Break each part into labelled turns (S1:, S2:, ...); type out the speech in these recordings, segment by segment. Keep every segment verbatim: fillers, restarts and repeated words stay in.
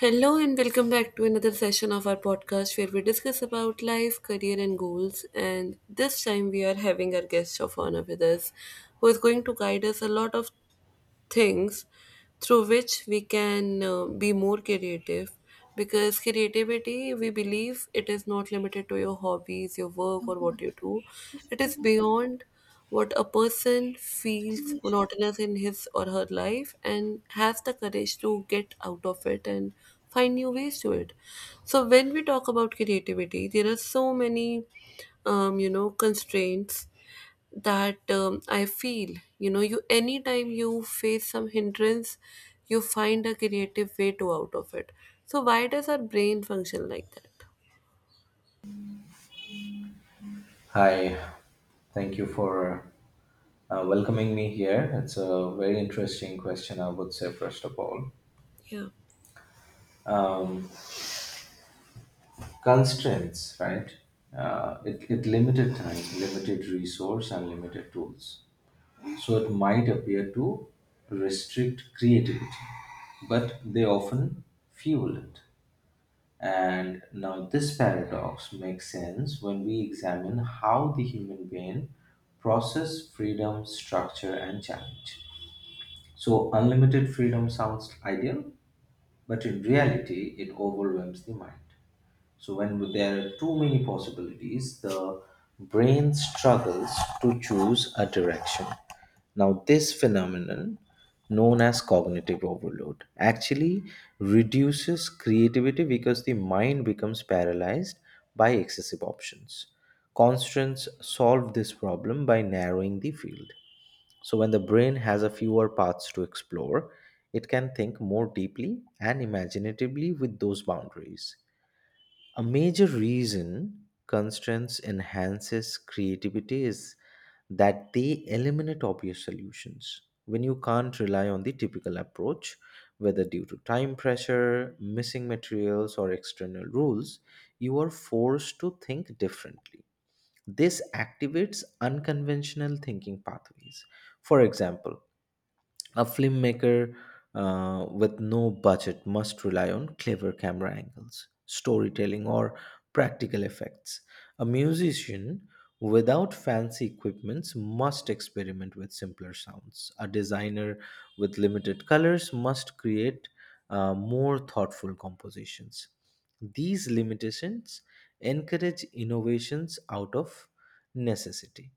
S1: Hello and welcome back to another session of our podcast, where we discuss about life, career and goals. And this time we are having our guest of honor with us, who is going to guide us a lot of things through which we can uh, be more creative, because creativity, we believe, it is not limited to your hobbies, your work or what you do. It is beyond what a person feels monotonous in his or her life and has the courage to get out of it and find new ways to it. So when we talk about creativity, there are so many um, you know constraints that, um, I feel, you know, you anytime you face some hindrance, you find a creative way to out of it. So why does our brain function like that?
S2: Hi, thank you for uh, welcoming me here. It's a very interesting question, I would say, first of all.
S1: Yeah.
S2: Constraints, right? Uh, it, it limited time, limited resource, and limited tools. So it might appear to restrict creativity, but they often fuel it. And now, this paradox makes sense when we examine how the human brain processes freedom, structure, and challenge. So, unlimited freedom sounds ideal, but in reality, it overwhelms the mind. So, when there are too many possibilities, the brain struggles to choose a direction. Now, this phenomenon, known as cognitive overload, actually reduces creativity because the mind becomes paralyzed by excessive options. Constance solved this problem by narrowing the field. So, when the brain has a fewer paths to explore, it can think more deeply and imaginatively with those boundaries. A major reason constraints enhances creativity is that they eliminate obvious solutions. When you can't rely on the typical approach, whether due to time pressure, missing materials, or external rules, you are forced to think differently. This activates unconventional thinking pathways. For example, a filmmaker uh, with no budget must rely on clever camera angles, storytelling, or practical effects. A musician without fancy equipments must experiment with simpler sounds. A designer with limited colors must create uh, more thoughtful compositions. These limitations encourage innovations out of necessity.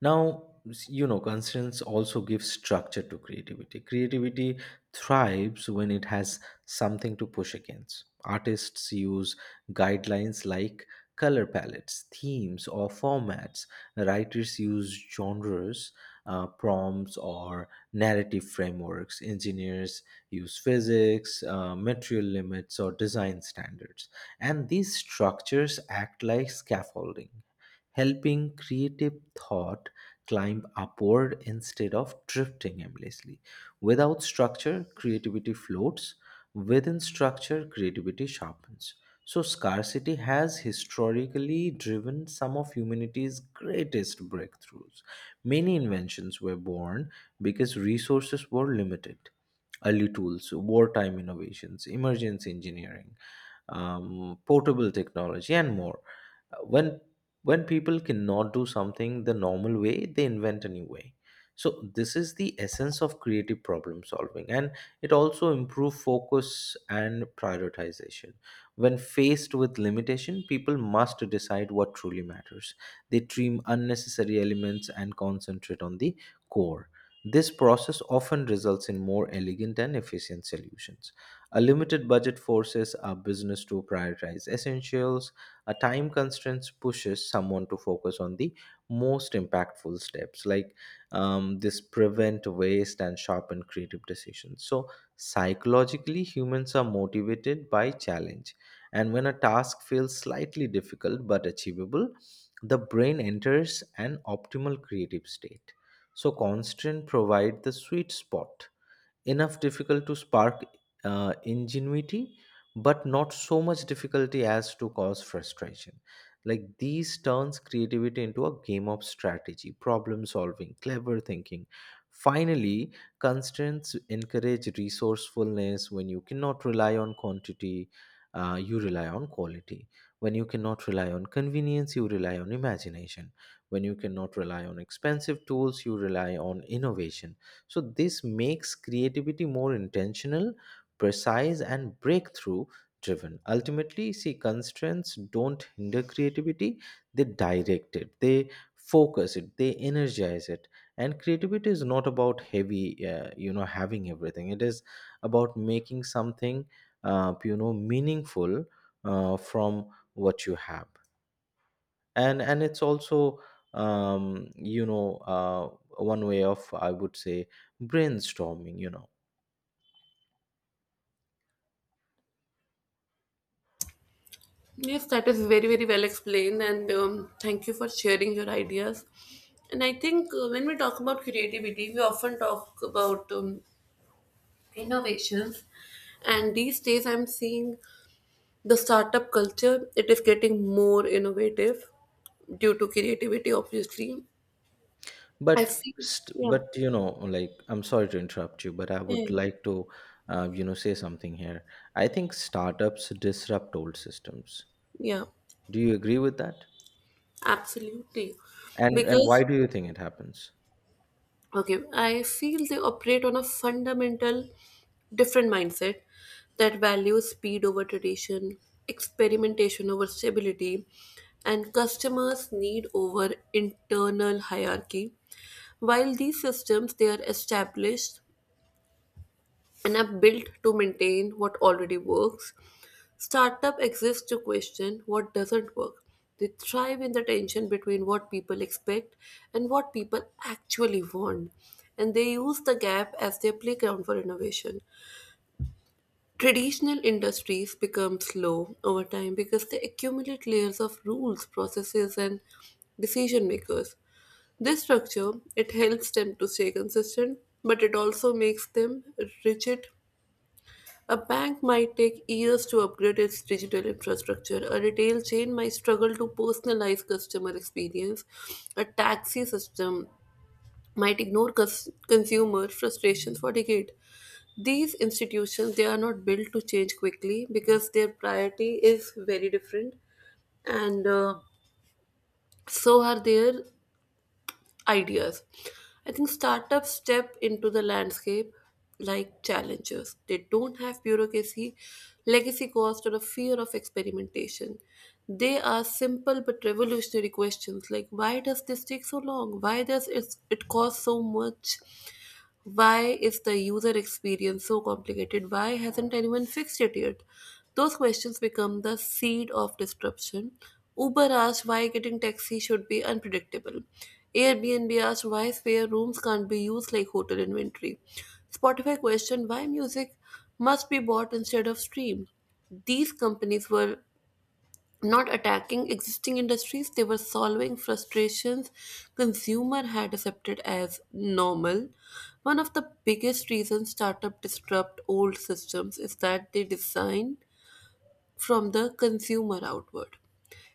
S2: Now, you know, constraints also give structure to creativity. Creativity thrives when it has something to push against. Artists use guidelines like color palettes, themes, or formats. Writers use genres, uh, prompts, or narrative frameworks. Engineers use physics, uh, material limits, or design standards. And these structures act like scaffolding, helping creative thought climb upward instead of drifting aimlessly. Without structure, creativity floats. Within structure, creativity sharpens. So, scarcity has historically driven some of humanity's greatest breakthroughs. Many inventions were born because resources were limited. Early tools, wartime innovations, emergency engineering, um, portable technology, and more. Uh, When when people cannot do something the normal way, they invent a new way. So this is the essence of creative problem solving, and it also improves focus and prioritization. When faced with limitation, people must decide what truly matters. They trim unnecessary elements and concentrate on the core. This process often results in more elegant and efficient solutions. A limited budget forces a business to prioritize essentials. A time constraints pushes someone to focus on the most impactful steps. Like um, this prevent waste and sharpen creative decisions. So psychologically, humans are motivated by challenge. And when a task feels slightly difficult but achievable, the brain enters an optimal creative state. So constraint provide the sweet spot, enough difficult to spark uh, ingenuity, but not so much difficulty as to cause frustration. Like these turns creativity into a game of strategy, problem solving, clever thinking. Finally, constraints encourage resourcefulness. When you cannot rely on quantity, uh, you rely on quality. When you cannot rely on convenience, you rely on imagination. When you cannot rely on expensive tools, you rely on innovation. So, this makes creativity more intentional, precise, and breakthrough driven. Ultimately, see, constraints don't hinder creativity, they direct it, they focus it, they energize it. And creativity is not about heavy, uh, you know, having everything. It is about making something, uh, you know, meaningful uh, from what you have. And and it's also um, you know uh, one way of, I would say, brainstorming. You know,
S1: Yes, that is very, very well explained, and, um, thank you for sharing your ideas. And I think, uh, when we talk about creativity, we often talk about, um, innovations, and these days I'm seeing the startup culture, it is getting more innovative due to creativity, obviously. I
S2: but
S1: feel,
S2: st-
S1: yeah,
S2: but you know, like, I'm sorry to interrupt you, but I would
S1: yeah,
S2: like to uh, you know, say something here. I think startups disrupt old systems.
S1: yeah,
S2: Do you agree with that?
S1: absolutely.
S2: And and
S1: Because
S2: why do you think it happens?
S1: okay, I feel they operate on a fundamental different mindset that values speed over tradition, experimentation over stability, and customers need over internal hierarchy. While these systems, they are established, an app built to maintain what already works. Startup exists to question what doesn't work. They thrive in the tension between what people expect and what people actually want, and they use the gap as their playground for innovation. Traditional industries become slow over time because they accumulate layers of rules, processes, and decision makers. This structure, it helps them to stay consistent, but it also makes them rigid. A bank might take years to upgrade its digital infrastructure. A retail chain might struggle to personalize customer experience. A taxi system might ignore cus- consumer frustrations for decades. These institutions, they are not built to change quickly because their priority is very different, and uh, so are their ideas. I think startups step into the landscape like challengers. They don't have bureaucracy, legacy cost, or a fear of experimentation. They are simple but revolutionary questions like, why does this take so long? Why does it, it cost so much? Why is the user experience so complicated? Why hasn't anyone fixed it yet? Those questions become the seed of disruption. Uber asked why getting taxi should be unpredictable. Airbnb asked why spare rooms can't be used like hotel inventory. Spotify questioned why music must be bought instead of streamed. These companies were not attacking existing industries, they were solving frustrations consumer had accepted as normal. One of the biggest reasons startup disrupt old systems is that they design from the consumer outward.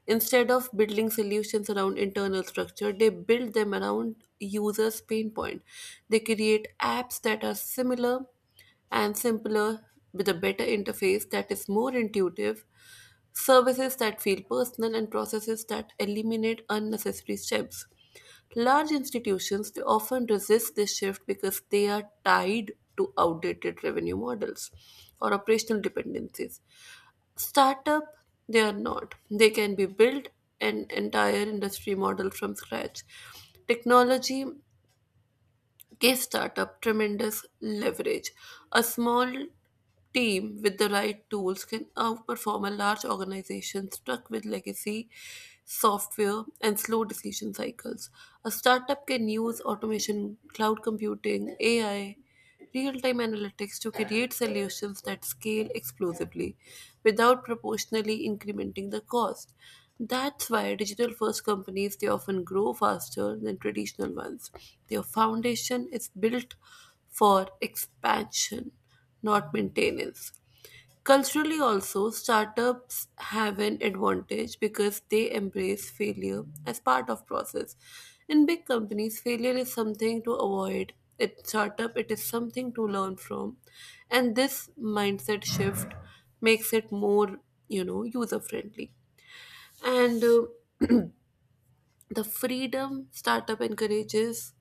S1: Instead of building solutions around internal structure, they build them around users' pain point. They create apps that are similar and simpler, with a better interface that is more intuitive, services that feel personal, and processes that eliminate unnecessary steps. Large institutions, they often resist this shift because they are tied to outdated revenue models or operational dependencies. Startup, they are not. They can be built an entire industry model from scratch. Technology give startup tremendous leverage. A small team with the right tools can outperform a large organization stuck with legacy software and slow decision cycles. A startup can use automation, cloud computing, A I, real time analytics to create solutions that scale explosively without proportionally incrementing the cost. That's why digital first companies, they often grow faster than traditional ones. Their foundation is built for expansion, not maintenance. Culturally, also, startups have an advantage because they embrace failure as part of process. In big companies, failure is something to avoid. At startup, it is something to learn from, and this mindset shift makes it more, you know, user friendly. And, uh, the freedom startup encourages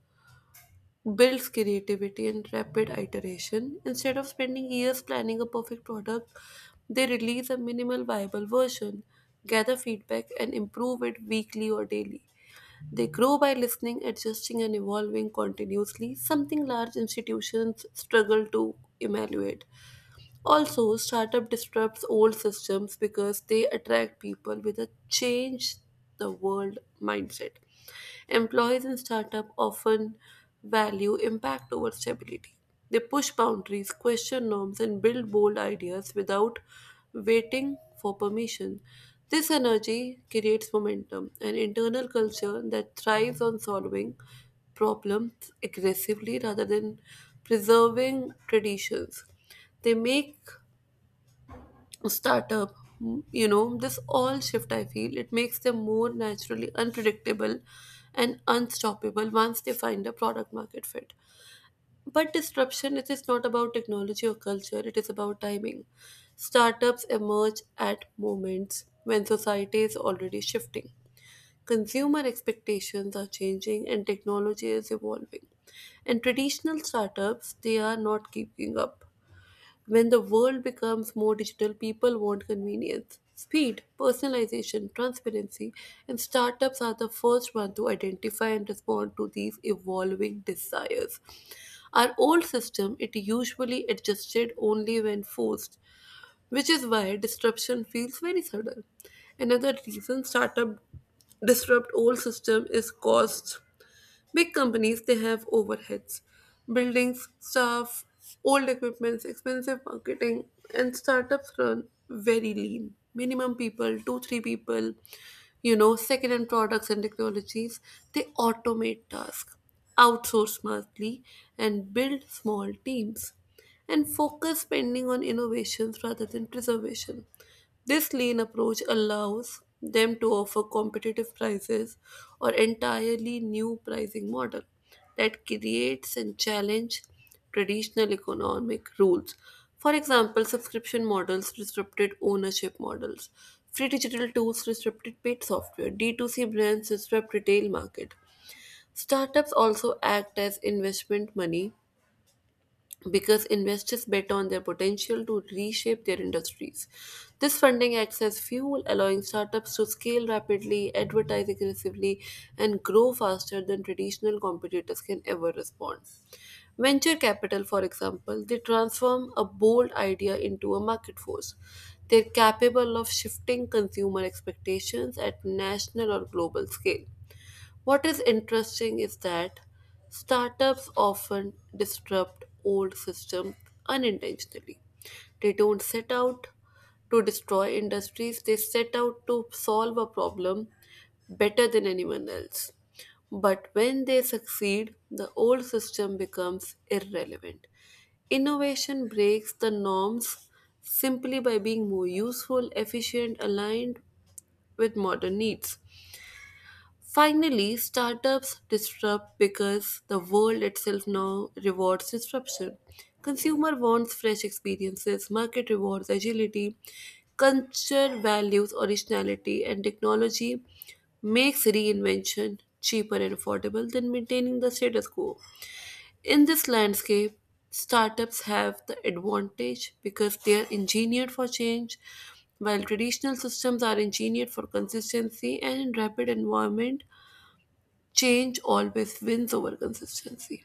S1: builds creativity and rapid iteration. Instead of spending years planning a perfect product, they release a minimal viable version, gather feedback, and improve it weekly or daily. They grow by listening, adjusting, and evolving continuously, something large institutions struggle to evaluate. Also, startup disrupts old systems because they attract people with a change the world mindset. Employees in startup often value impact over stability. They push boundaries, question norms, and build bold ideas without waiting for permission. This energy creates momentum, an internal culture that thrives on solving problems aggressively rather than preserving traditions. They make startup, you know, this all shift, I feel it makes them more naturally unpredictable and unstoppable once they find a product market fit. But disruption, it is not about technology or culture, it is about timing. Startups emerge at moments when society is already shifting, consumer expectations are changing and technology is evolving, and traditional startups, they are not keeping up. When the world becomes more digital, people want convenience, speed, personalization, transparency, and startups are the first one to identify and respond to these evolving desires. Our old system, it usually adjusted only when forced, which is why disruption feels very sudden. Another reason startup disrupt old system is cost. Big companies, they have overheads, buildings, staff, old equipments, expensive marketing, and startups run very lean. Minimum people, two, three people, you know, second-hand products and technologies, they automate tasks, outsource smartly, and build small teams and focus spending on innovations rather than preservation. This lean approach allows them to offer competitive prices or entirely new pricing model that creates and challenge traditional economic rules. For example, subscription models disrupted ownership models. Free digital tools disrupted paid software. D two C brands disrupt retail market. Startups also act as investment money because investors bet on their potential to reshape their industries. This funding acts as fuel, allowing startups to scale rapidly, advertise aggressively, and grow faster than traditional competitors can ever respond. Venture capital, for example, they transform a bold idea into a market force. They're capable of shifting consumer expectations at national or global scale. What is interesting is that startups often disrupt old systems unintentionally. They don't set out to destroy industries, they set out to solve a problem better than anyone else. But when they succeed, the old system becomes irrelevant. Innovation breaks the norms simply by being more useful, efficient, aligned with modern needs. Finally, startups disrupt because the world itself now rewards disruption. Consumer wants fresh experiences, market rewards agility, culture values originality, and technology makes reinvention cheaper and affordable than maintaining the status quo. In this landscape, startups have the advantage because they are engineered for change, while traditional systems are engineered for consistency and rapid environment. Change always wins over consistency.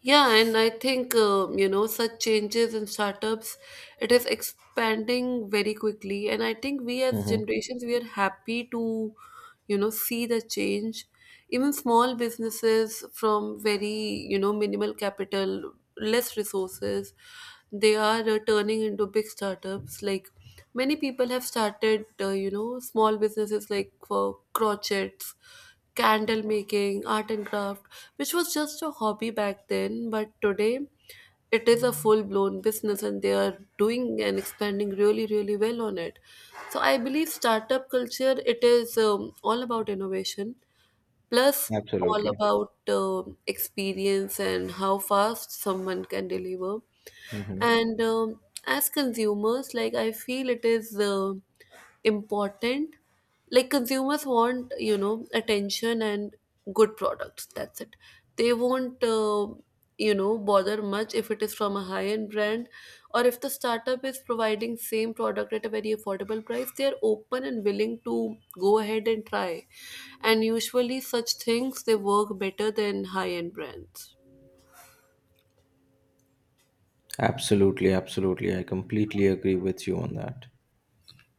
S1: Yeah, and I think, um, you know, such changes in startups, it is expanding very quickly, and I think we as
S2: Mm-hmm.
S1: generations, we are happy to, you know, see the change. Even small businesses from very, you know, minimal capital, less resources, they are, uh, turning into big startups like, many people have started, uh, you know, small businesses like for crochets, candle making, art and craft, which was just a hobby back then, but today it is a full blown business and they are doing and expanding really, really well on it. So I believe startup culture, it is, um, all about innovation plus all
S2: Absolutely.
S1: about, um, experience and how fast someone can deliver.
S2: Mm-hmm.
S1: And, um, as consumers, like, I feel it is, uh, important. Like, consumers want, you know, attention and good products, that's it. They won't, uh, you know, bother much if it is from a high end brand, or if the startup is providing same product at a very affordable price, they are open and willing to go ahead and try, and usually such things they work better than high end brands.
S2: Absolutely, absolutely. I completely agree with you on that.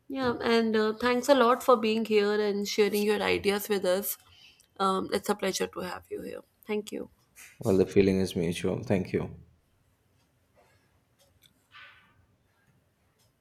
S1: Yeah, and, uh, thanks a lot for being here and sharing your ideas with us. Um, it's a pleasure to have you here. Thank you.
S2: Well, the feeling is mutual. Thank you.